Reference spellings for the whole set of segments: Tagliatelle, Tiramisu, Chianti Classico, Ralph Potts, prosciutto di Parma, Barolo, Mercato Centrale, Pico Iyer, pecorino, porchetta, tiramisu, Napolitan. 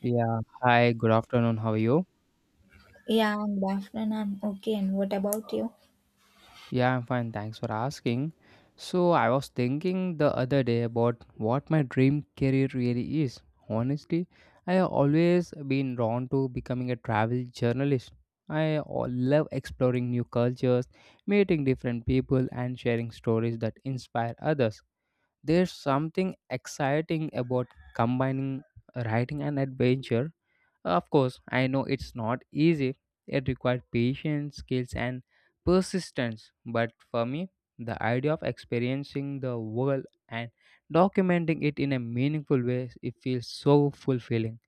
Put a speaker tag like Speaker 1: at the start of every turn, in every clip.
Speaker 1: Yeah, hi, good afternoon. How are you?
Speaker 2: Yeah, good afternoon. I'm okay. And what about you?
Speaker 1: Yeah, I'm fine. Thanks for asking. So, I was thinking the other day about what my dream career really is. Honestly, I have always been drawn to becoming a travel journalist. I love exploring new cultures, meeting different people, and sharing stories that inspire others. There's something exciting about combining writing and adventure. Of course, I know it's not easy. It required patience, skills, and persistence. But for me, the idea of experiencing the world and documenting it in a meaningful way, it feels so fulfilling.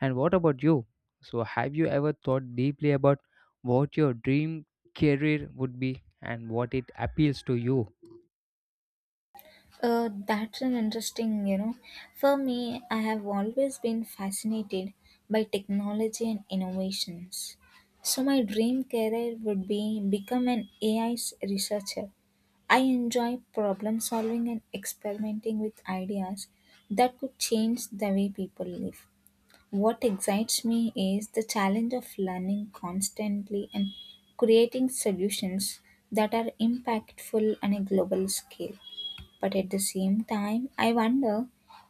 Speaker 1: And what about you? So, have you ever thought deeply about what your dream career would be and what it appeals to you?
Speaker 2: That's an interesting. For me, I have always been fascinated by technology and innovations. So my dream career would be become an AI researcher. I enjoy problem solving and experimenting with ideas that could change the way people live. What excites me is the challenge of learning constantly and creating solutions that are impactful on a global scale. But at the same time, I wonder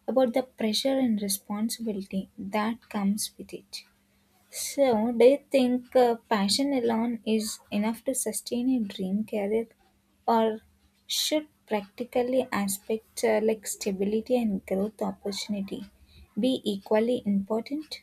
Speaker 2: about the pressure and responsibility that comes with it. So, do you think passion alone is enough to sustain a dream career, or should practically aspects like stability and growth opportunity be equally important?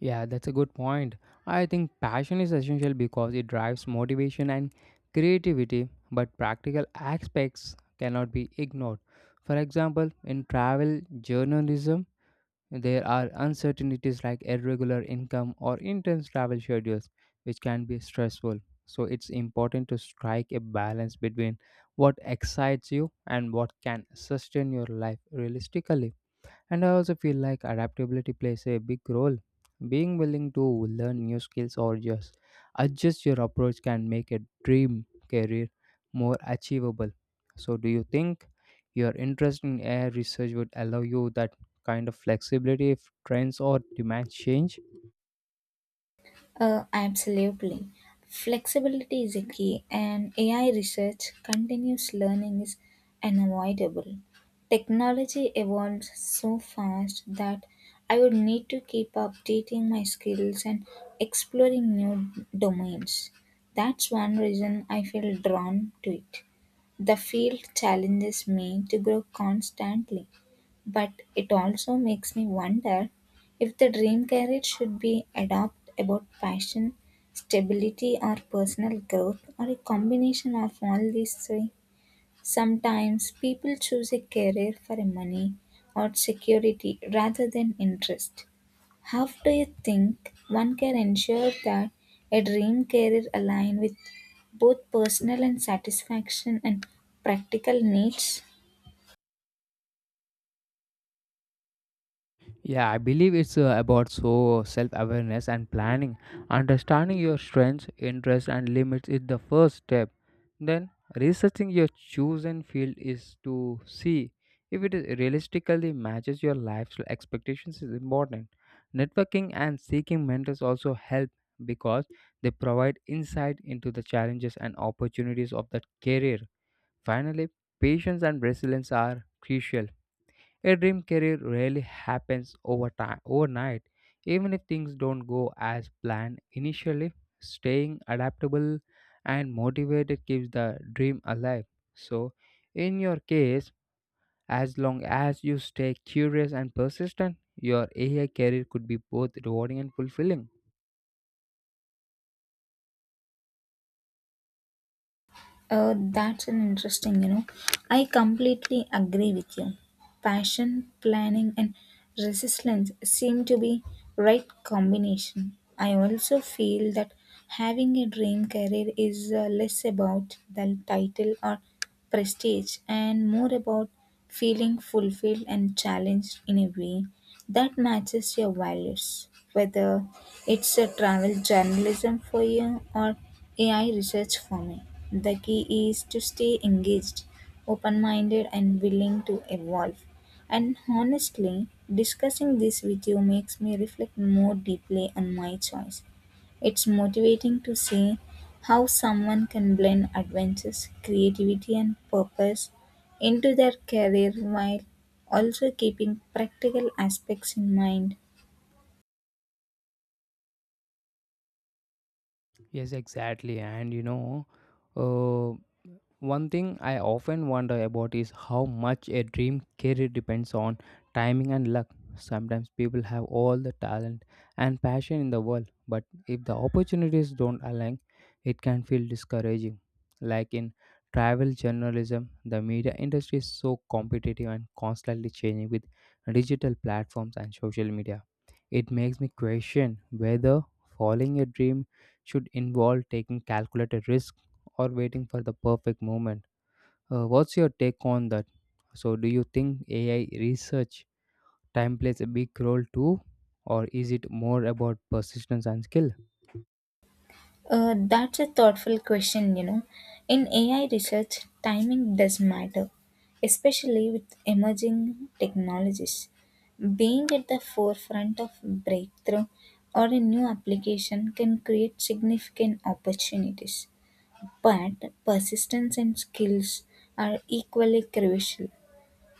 Speaker 1: Yeah, that's a good point. I think passion is essential because it drives motivation and creativity, but practical aspects cannot be ignored. For example, in travel journalism, there are uncertainties like irregular income or intense travel schedules, which can be stressful. So, it's important to strike a balance between what excites you and what can sustain your life realistically. And I also feel like adaptability plays a big role. Being willing to learn new skills or just adjust your approach can make a dream career more achievable. So, do you think your interest in air research would allow you that kind of flexibility if trends or demands change?
Speaker 2: Absolutely. Flexibility is a key, and AI research, continuous learning is unavoidable. Technology evolves so fast that I would need to keep updating my skills and exploring new domains. That's one reason I feel drawn to it. The field challenges me to grow constantly. But it also makes me wonder if the dream career should be adopt about passion, stability, or personal growth, or a combination of all these three. Sometimes people choose a career for money or security rather than interest. How do you think one can ensure that a dream career aligns with both personal and satisfaction and practical needs?
Speaker 1: Yeah, I believe it's about so self-awareness and planning. Understanding your strengths, interests, and limits is the first step. Then researching your chosen field is to see if it is realistically matches your lifestyle expectations is important. Networking and seeking mentors also help because they provide insight into the challenges and opportunities of that career. Finally, patience and resilience are crucial a dream career rarely happens over time, overnight. Even if things don't go as planned initially, staying adaptable and motivated keeps the dream alive. So, in your case, as long as you stay curious and persistent, your AI career could be both rewarding and fulfilling.
Speaker 2: That's an interesting. I completely agree with you. Passion, planning, and resistance seem to be right combination. I also feel that having a dream career is less about the title or prestige and more about feeling fulfilled and challenged in a way that matches your values, whether it's a travel journalism for you or AI research for me. The key is to stay engaged, open minded, and willing to evolve. And honestly, discussing this with you makes me reflect more deeply on my choice. It's motivating to see how someone can blend adventures, creativity, and purpose into their career while also keeping practical aspects in mind.
Speaker 1: Yes, exactly. And you know, uh, one thing I often wonder about is how much a dream career depends on timing and luck. Sometimes people have all the talent and passion in the world, but if the opportunities don't align, it can feel discouraging. Like in travel journalism, the media industry is so competitive and constantly changing with digital platforms and social media. It makes me question whether following a dream should involve taking calculated risks or waiting for the perfect moment. What's your take on that? So, do you think AI research time plays a big role too, or is it more about persistence and skill?
Speaker 2: That's a thoughtful question. In AI research, timing does matter, especially with emerging technologies. Being at the forefront of breakthrough or a new application can create significant opportunities, but persistence and skills are equally crucial.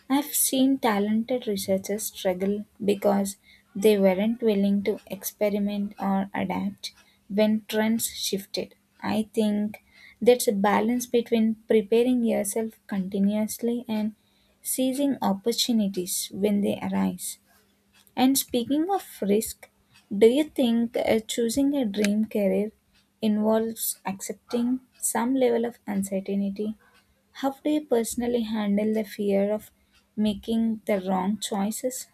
Speaker 2: I've seen talented researchers struggle because they weren't willing to experiment or adapt when trends shifted. I think that's a balance between preparing yourself continuously and seizing opportunities when they arise. And speaking of risk, do you think choosing a dream career involves accepting some level of uncertainty? How do you personally handle the fear of making the wrong choices?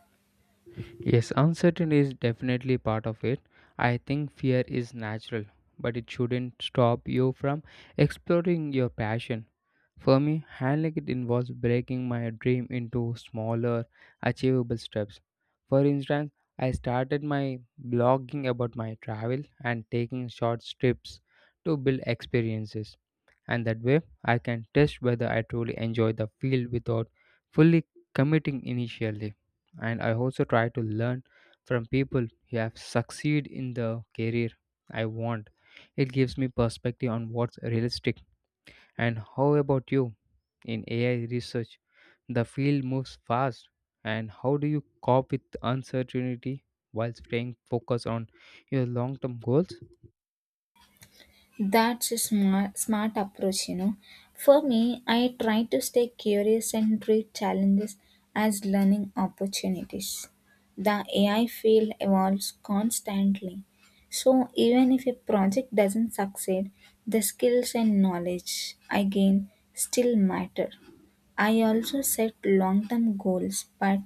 Speaker 1: Yes, uncertainty is definitely part of it. I think fear is natural, but it shouldn't stop you from exploring your passion. For me, handling it involves breaking my dream into smaller, achievable steps. For instance, I started my blogging about my travel and taking short trips to build experiences and that way I can test whether I truly enjoy the field without fully committing initially. And I also try to learn from people who have succeeded in the career I want. It gives me perspective on what's realistic. And how about you in AI research? The field moves fast, and how do you cope with uncertainty while staying focused on your long term goals?
Speaker 2: That's a smart approach. For me, I try to stay curious and treat challenges as learning opportunities. The AI field evolves constantly. So, even if a project doesn't succeed, the skills and knowledge I gain still matter. I also set long term goals but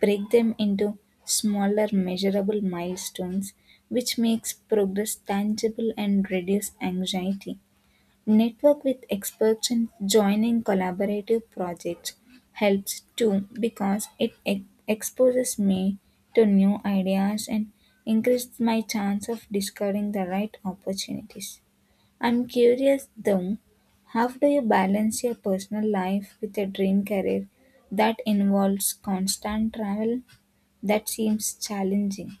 Speaker 2: break them into smaller measurable milestones, which makes progress tangible and reduce anxiety. Network with experts and joining collaborative projects helps too because it exposes me to new ideas and increases my chance of discovering the right opportunities. I'm curious though, how do you balance your personal life with a dream career that involves constant travel? That seems challenging.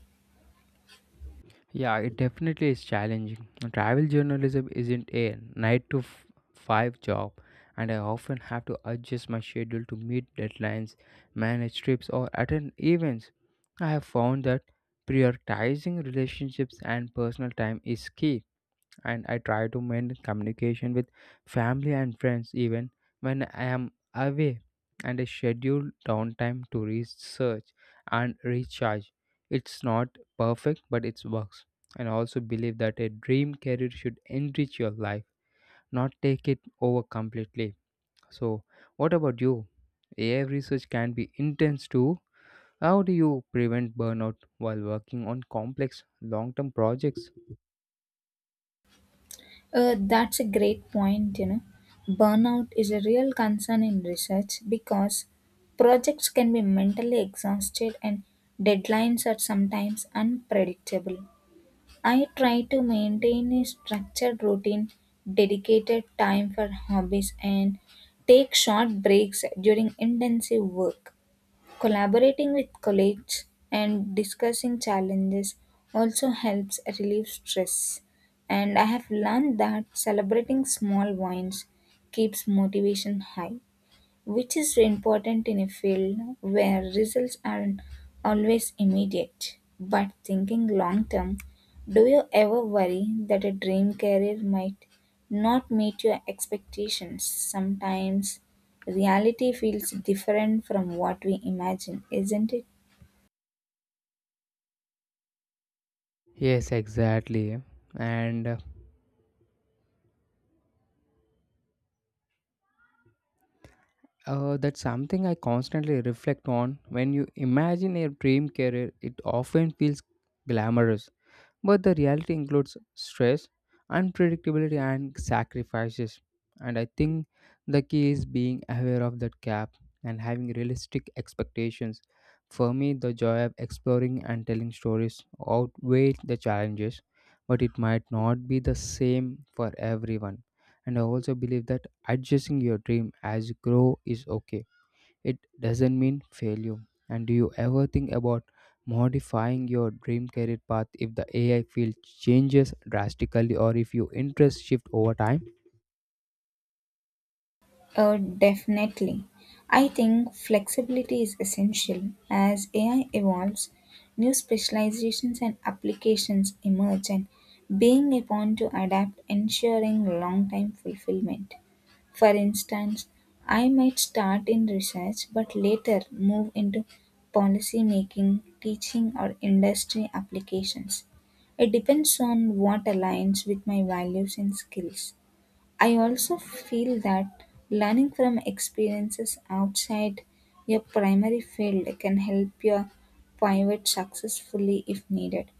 Speaker 1: Yeah, it definitely is challenging. Travel journalism isn't a five job, and I often have to adjust my schedule to meet deadlines, manage trips, or attend events. I have found that prioritizing relationships and personal time is key and I try to maintain communication with family and friends even when I am away and I schedule downtime to research and recharge. It's not perfect, but it works. And I also believe that a dream career should enrich your life, not take it over completely. So, what about you? AI research can be intense too. How do you prevent burnout while working on complex long term projects?
Speaker 2: That's a great point. Burnout is a real concern in research because projects can be mentally exhausted and deadlines are sometimes unpredictable. I try to maintain a structured routine, dedicated time for hobbies, and take short breaks during intensive work. Collaborating with colleagues and discussing challenges also helps relieve stress. And I have learned that celebrating small wins keeps motivation high which is important in a field where results aren't always immediate. But thinking long term, do you ever worry that a dream career might not meet your expectations? Sometimes reality feels different from what we imagine, isn't it?
Speaker 1: Yes, exactly. And that's something I constantly reflect on. When you imagine a dream career, it often feels glamorous. But the reality includes stress, unpredictability, and sacrifices. And I think the key is being aware of that gap and having realistic expectations. For me, the joy of exploring and telling stories outweighed the challenges, but it might not be the same for everyone. And I also believe that adjusting your dream as you grow is okay it doesn't mean failure. And do you ever think about modifying your dream career path if the AI field changes drastically or if your interests shift over time?
Speaker 2: Definitely. I think flexibility is essential. As AI evolves, new specializations and applications emerge, and being able to adapt ensuring long term fulfillment. For instance, I might start in research but later move into policy making, teaching, or industry applications. It depends on what aligns with my values and skills. I also feel that learning from experiences outside your primary field can help you pivot successfully if needed.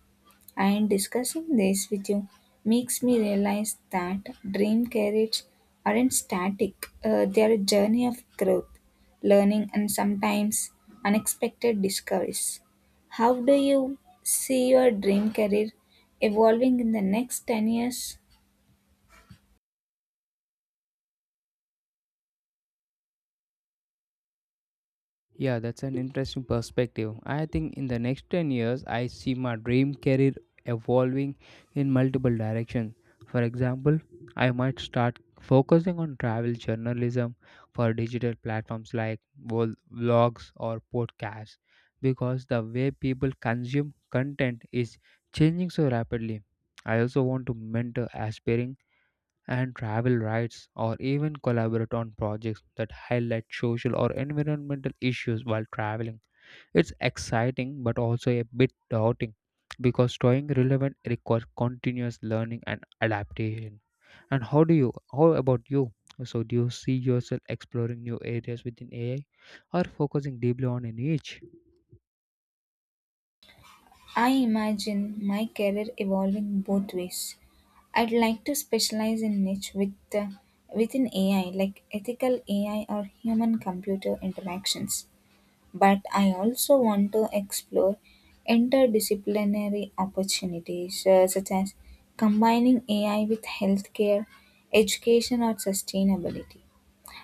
Speaker 2: And discussing this with you makes me realize that dream careers aren't static, they are a journey of growth, learning, and sometimes unexpected discoveries. How do you see your dream career evolving in the next 10 years?
Speaker 1: Yeah, that's an interesting perspective. I think in the next 10 years, I see my dream career evolving in multiple directions. For example, I might start focusing on travel journalism for digital platforms like vlogs or podcasts because the way people consume content is changing so rapidly. I also want to mentor aspiring and travel rights, or even collaborate on projects that highlight social or environmental issues while traveling. It's exciting but also a bit daunting because staying relevant requires continuous learning and adaptation. And how about you? So, do you see yourself exploring new areas within AI or focusing deeply on a niche?
Speaker 2: I imagine my career evolving both ways. I'd like to specialize in niche with within AI, like ethical AI or human-computer interactions. But I also want to explore interdisciplinary opportunities, such as combining AI with healthcare, education, or sustainability.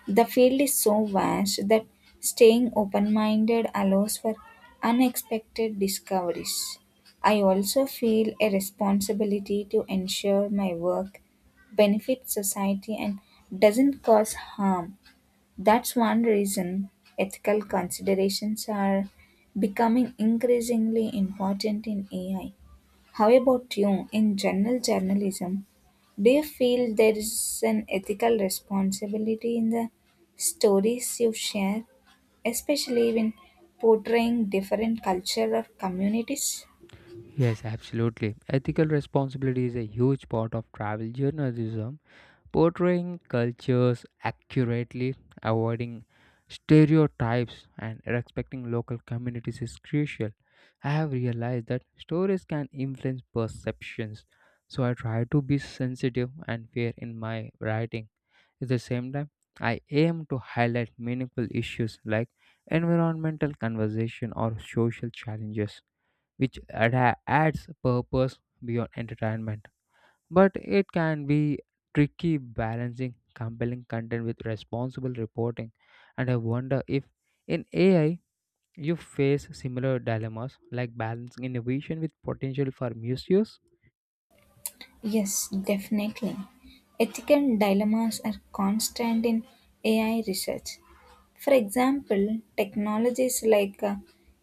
Speaker 2: The field is so vast that staying open minded allows for unexpected discoveries. I also feel a responsibility to ensure my work benefits society and doesn't cause harm. That's one reason ethical considerations are becoming increasingly important in AI. How about you? In general journalism, do you feel there is an ethical responsibility in the stories you share, especially when portraying different culture or communities?
Speaker 1: Yes, absolutely. Ethical responsibility is a huge part of travel journalism portraying cultures accurately, avoiding stereotypes, and respecting local communities is crucial. I have realized that stories can influence perceptions, so I try to be sensitive and fair in my writing. At the same time, I aim to highlight meaningful issues like environmental conversation or social challenges, which adds purpose beyond entertainment but it can be tricky balancing compelling content with responsible reporting. And I wonder if in AI you face similar dilemmas like balancing innovation with potential for misuse.
Speaker 2: Yes, definitely. Ethical dilemmas are constant in AI research. For example, technologies like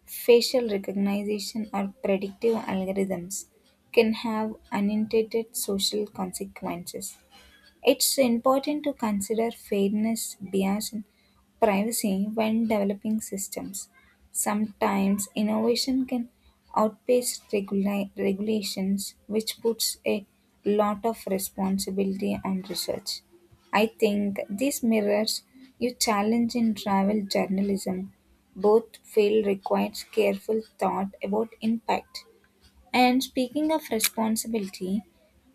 Speaker 2: facial recognition or predictive algorithms can have unintended social consequences. It's important to consider fairness, bias, and privacy when developing systems. Sometimes innovation can outpace regulations, which puts a lot of responsibility on research. I think this mirrors your challenge in travel journalism. Both fields requires careful thought about impact. And speaking of responsibility,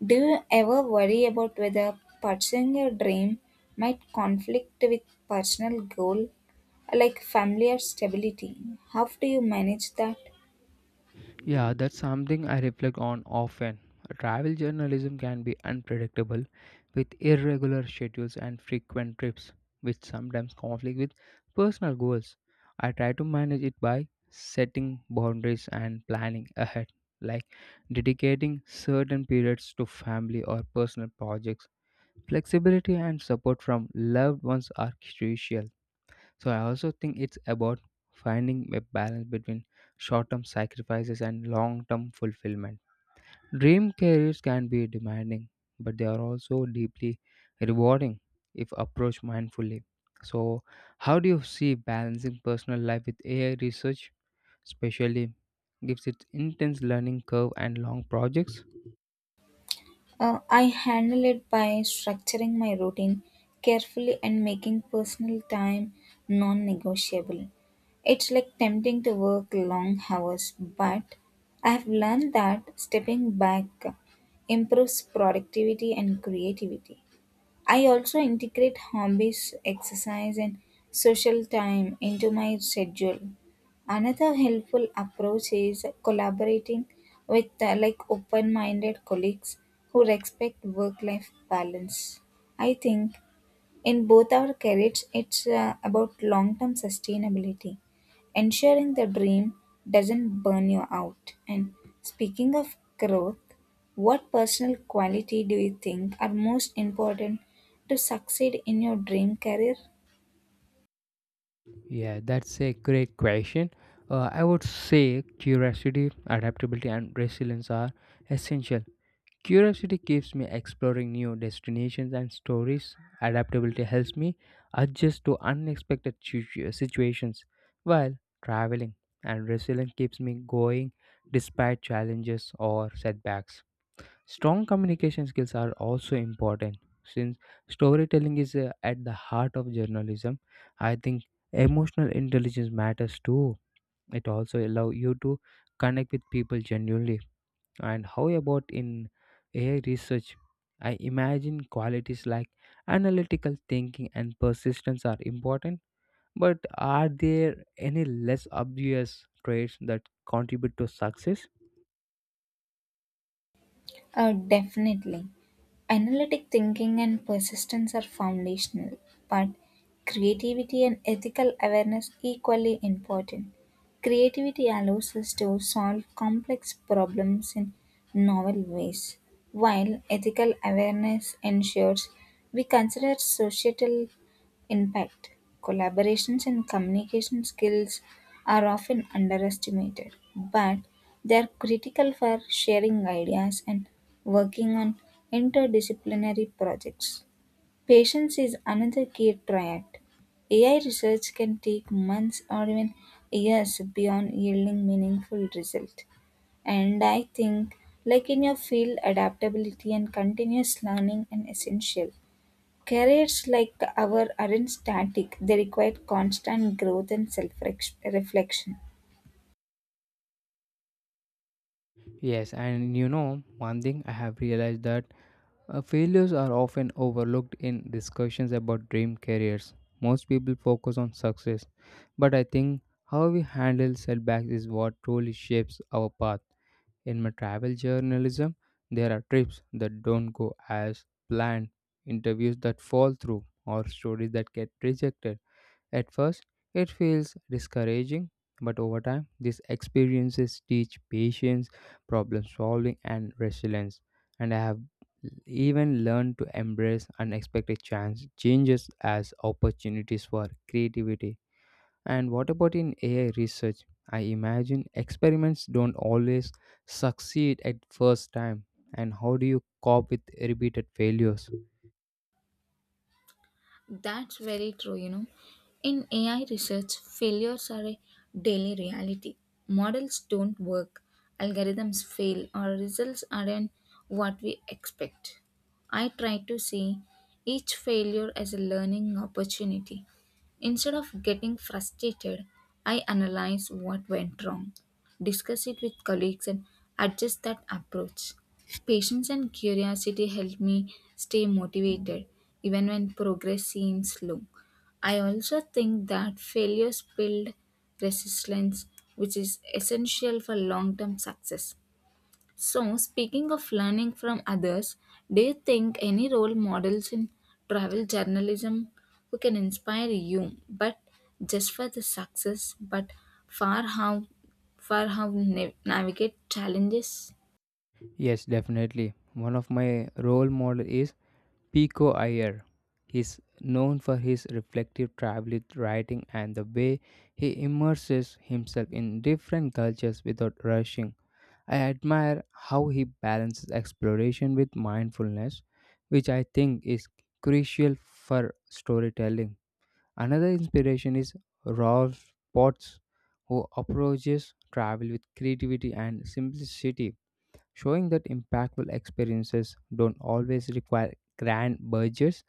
Speaker 2: do you ever worry about whether pursuing your dream might conflict with personal goal like family or stability? How do you manage that?
Speaker 1: Yeah, that's something I reflect on often. Travel journalism can be unpredictable with irregular schedules and frequent trips, which sometimes conflict with personal goals. I try to manage it by setting boundaries and planning ahead, like dedicating certain periods to family or personal projects. Flexibility and support from loved ones are crucial so I also think it's about finding a balance between short-term sacrifices and long-term fulfillment. Dream careers can be demanding, but they are also deeply rewarding if approached mindfully. So, how do you see balancing personal life with AI research, especially gives its intense learning curve and long projects?
Speaker 2: I handle it by structuring my routine carefully and making personal time non negotiable. It's like tempting to work long hours, but I have learned that stepping back improves productivity and creativity. I also integrate hobbies, exercise, and social time into my schedule. Another helpful approach is collaborating with like open-minded colleagues who respect work-life balance. I think in both our careers, it's about long term sustainability, ensuring the dream doesn't burn you out. And speaking of growth, what personal quality do you think are most important to succeed in your dream career?
Speaker 1: Yeah, that's a great question. I would say curiosity, adaptability, and resilience are essential. Curiosity keeps me exploring new destinations and stories. Adaptability helps me adjust to unexpected situations while traveling, and resilience keeps me going despite challenges or setbacks. Strong communication skills are also important since storytelling is at the heart of journalism. I think emotional intelligence matters too. It also allows you to connect with people genuinely and how about in AI research? I imagine qualities like analytical thinking and persistence are important, but are there any less obvious traits that contribute to success?
Speaker 2: Definitely. Analytic thinking and persistence are foundational, but creativity and ethical awareness equally important. Creativity allows us to solve complex problems in novel ways, while ethical awareness ensures we consider societal impact, collaborations and communication skills are often underestimated, but they are critical for sharing ideas and working on interdisciplinary projects. Patience is another key triad. AI research can take months or even years beyond yielding meaningful result. And I think like in your field adaptability and continuous learning are essential. Careers like our aren't static, they require constant growth and self reflection.
Speaker 1: Yes, and you know, one thing I have realized that failures are often overlooked in discussions about dream careers. Most people focus on success, but I think how we handle setbacks is what truly shapes our path. In my travel journalism, there are trips that don't go as planned, interviews that fall through, or stories that get rejected. At first, it feels discouraging, but over time, these experiences teach patience, problem solving, and resilience. And I have even learned to embrace unexpected chance changes as opportunities for creativity and what about in AI research? I imagine experiments don't always succeed at first time. And how do you cope with repeated failures?
Speaker 2: That's very true. In AI research, failures are a daily reality. Models don't work, algorithms fail, or results aren't what we expect. I try to see each failure as a learning opportunity. Instead of getting frustrated, I analyze what went wrong discuss it with colleagues, and adjust that approach. Patience and curiosity help me stay motivated even when progress seems slow. I also think that failures build resilience, which is essential for long term success. So, speaking of learning from others, do you think any role models in travel journalism who can inspire you, but just for the success, but for how, for how navigate challenges?
Speaker 1: Yes, definitely. One of my role model is Pico Iyer. He's known for his reflective travel writing and the way he immerses himself in different cultures without rushing. I admire how he balances exploration with mindfulness, which I think is crucial for storytelling. Another inspiration is Ralph Potts, who approaches travel with creativity and simplicity, showing that impactful experiences don't always require grand budgets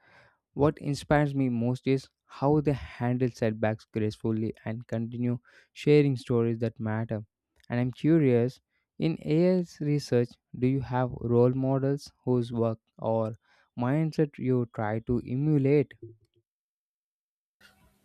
Speaker 1: what inspires me most is how they handle setbacks gracefully and continue sharing stories that matter. And I'm curious, in AI's research, do you have role models whose work or mindset you try to emulate?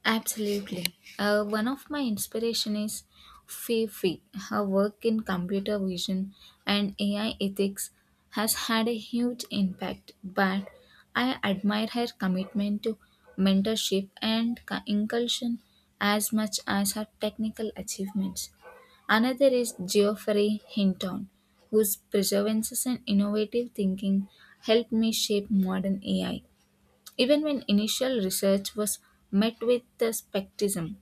Speaker 2: Absolutely. One of my inspiration is Fifi. Her work in computer vision and AI ethics has had a huge impact, but I admire her commitment to mentorship and inculcation as much as her technical achievements. Another is Geoffrey Hinton, whose perseverance and innovative thinking helped me shape modern AI. Even when initial research was met with the skepticism,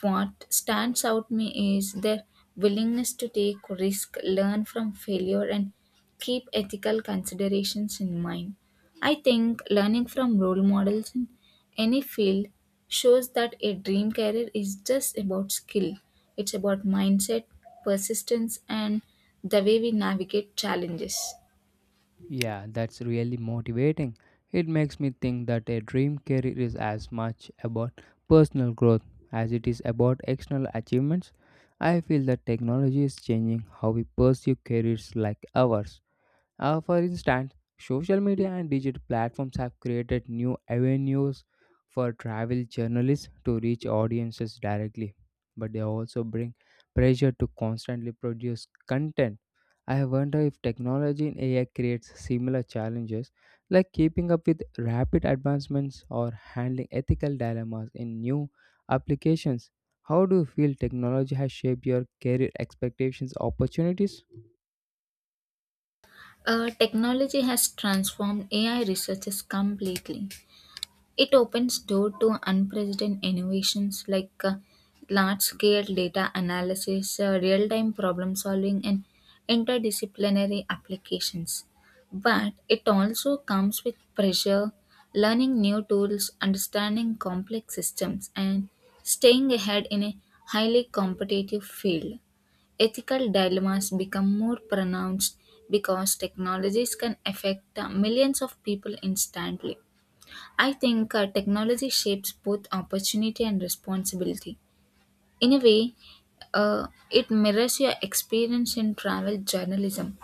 Speaker 2: what stands out me is their willingness to take risk, learn from failure, and keep ethical considerations in mind. I think learning from role models in any field shows that a dream career is just about skill. It's about mindset, persistence, and the way we navigate challenges.
Speaker 1: Yeah, that's really motivating. It makes me think that a dream career is as much about personal growth as it is about external achievements. I feel that technology is changing how we pursue careers like ours. For instance, social media and digital platforms have created new avenues for travel journalists to reach audiences directly, but they also bring pressure to constantly produce content. I wonder if technology in AI creates similar challenges like keeping up with rapid advancements or handling ethical dilemmas in new applications. How do you feel technology has shaped your career expectations opportunities?
Speaker 2: Technology has transformed AI researches completely. It opens door to unprecedented innovations like large-scale data analysis, real-time problem solving, and interdisciplinary applications. But it also comes with pressure, learning new tools, understanding complex systems, and staying ahead in a highly competitive field ethical dilemmas become more pronounced because technologies can affect millions of people instantly. I think technology shapes both opportunity and responsibility. In a way, it mirrors your experience in travel journalism,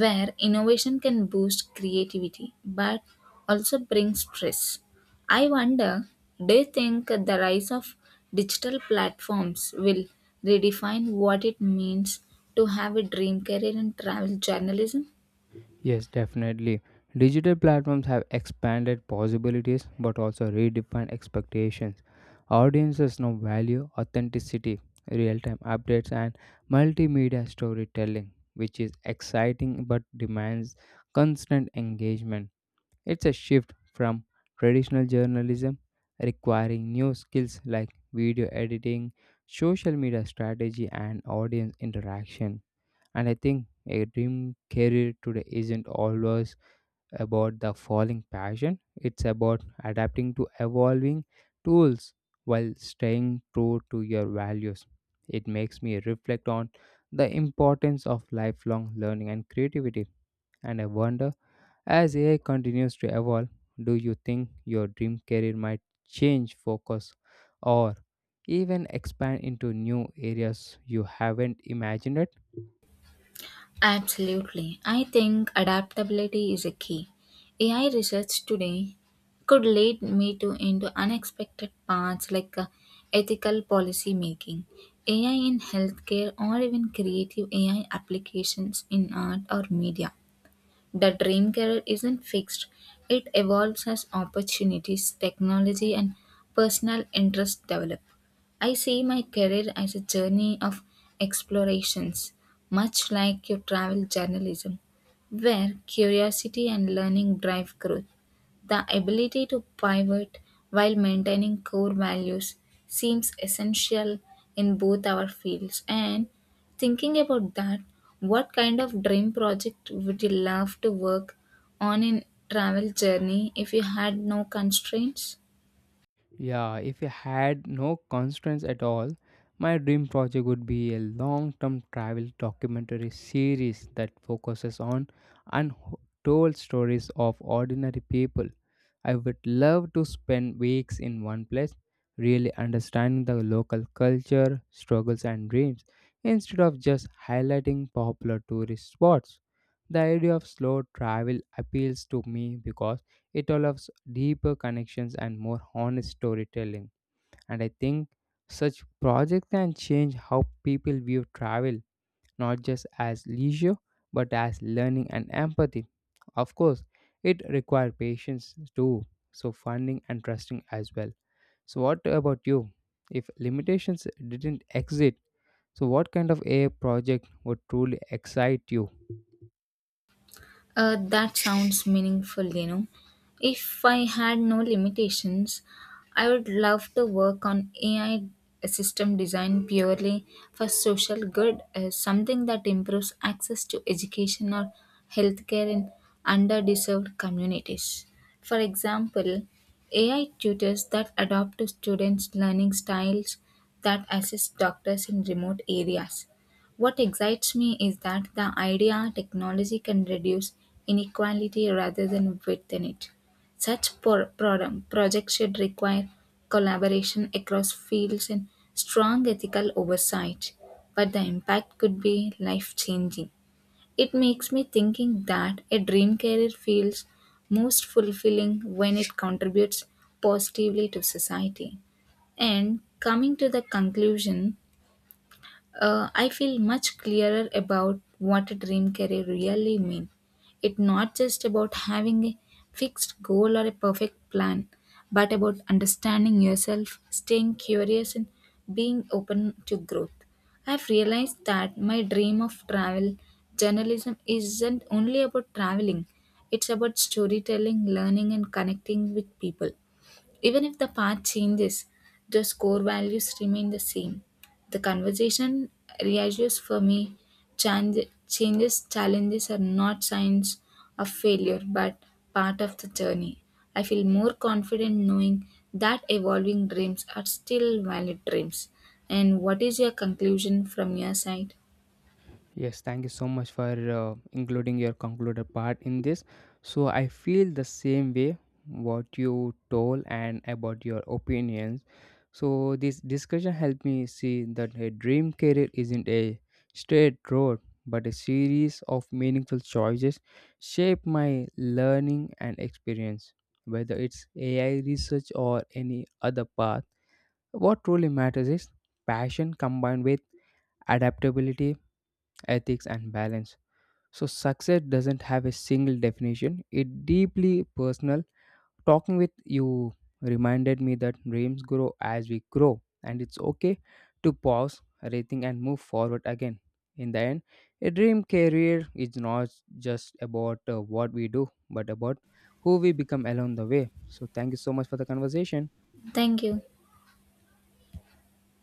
Speaker 2: where innovation can boost creativity but also brings stress. I wonder, do you think the rise of digital platforms will redefine what it means to have a dream career in travel journalism?
Speaker 1: Yes, definitely. Digital platforms have expanded possibilities but also redefined expectations. Audiences now value authenticity, real time updates, and multimedia storytelling, which is exciting but demands constant engagement. It's a shift from traditional journalism requiring new skills like video editing, social media strategy, and audience interaction. And I think a dream career today isn't always about the falling passion, it's about adapting to evolving tools while staying true to your values. It makes me reflect on the importance of lifelong learning and creativity. And I wonder, as AI continues to evolve, do you think your dream career might change focus or even expand into new areas you haven't imagined?
Speaker 2: Absolutely. I think adaptability is a key. AI research today could lead me to into unexpected paths like ethical policy making, AI in healthcare, or even creative AI applications in art or media. The dream career isn't fixed, it evolves as opportunities, technology, and personal interests develop. I see my career as a journey of explorations, much like your travel journalism, where curiosity and learning drive growth. The ability to pivot while maintaining core values seems essential in both our fields. And thinking about that, what kind of dream project would you love to work on in travel journey if you had no constraints?
Speaker 1: Yeah, if I had no constraints at all, my dream project would be a long term travel documentary series that focuses on untold stories of ordinary people. I would love to spend weeks in one place, really understanding the local culture, struggles, and dreams, instead of just highlighting popular tourist spots. The idea of slow travel appeals to me because it allows deeper connections and more honest storytelling. And I think such projects can change how people view travel, not just as leisure, but as learning and empathy. Of course, it requires patience too, so funding and trusting as well. So, what about you? If limitations didn't exist, so what kind of AI project would truly excite you?
Speaker 2: That sounds meaningful. If I had no limitations, I would love to work on AI system design purely for social good, something that improves access to education or healthcare in underserved communities. For example, AI tutors that adapt to students' learning styles that assist doctors in remote areas what excites me is that the idea technology can reduce inequality rather than widen it. Such projects should require collaboration across fields and strong ethical oversight, but the impact could be life changing. It makes me thinking that a dream career feels most fulfilling when it contributes positively to society. And coming to the conclusion, I feel much clearer about what a dream career really means. It's not just about having a fixed goal or a perfect plan, but about understanding yourself, staying curious, and being open to growth. I've realized that my dream of travel journalism isn't only about traveling, it's about storytelling, learning, and connecting with people. Even if the path changes, the core values remain the same. The conversation reassures for me change, changes, challenges are not signs of failure but part of the journey. I feel more confident knowing that evolving dreams are still valid dreams. And what is your conclusion from your side?
Speaker 1: Yes, thank you so much for including your concluder part in this. So I feel the same way what you told and about your opinions. So this discussion helped me see that a dream career isn't a straight road, but a series of meaningful choices shape my learning and experience. Whether it's AI research or any other path, what truly matters is passion combined with adaptability, ethics, and balance. So success doesn't have a single definition. It deeply personal. Talking with you reminded me that dreams grow as we grow and it's okay to pause, rethink and move forward again. In the end, a dream career is not just about what we do but about who we become along the way. So thank you so much for the conversation.
Speaker 2: Thank you.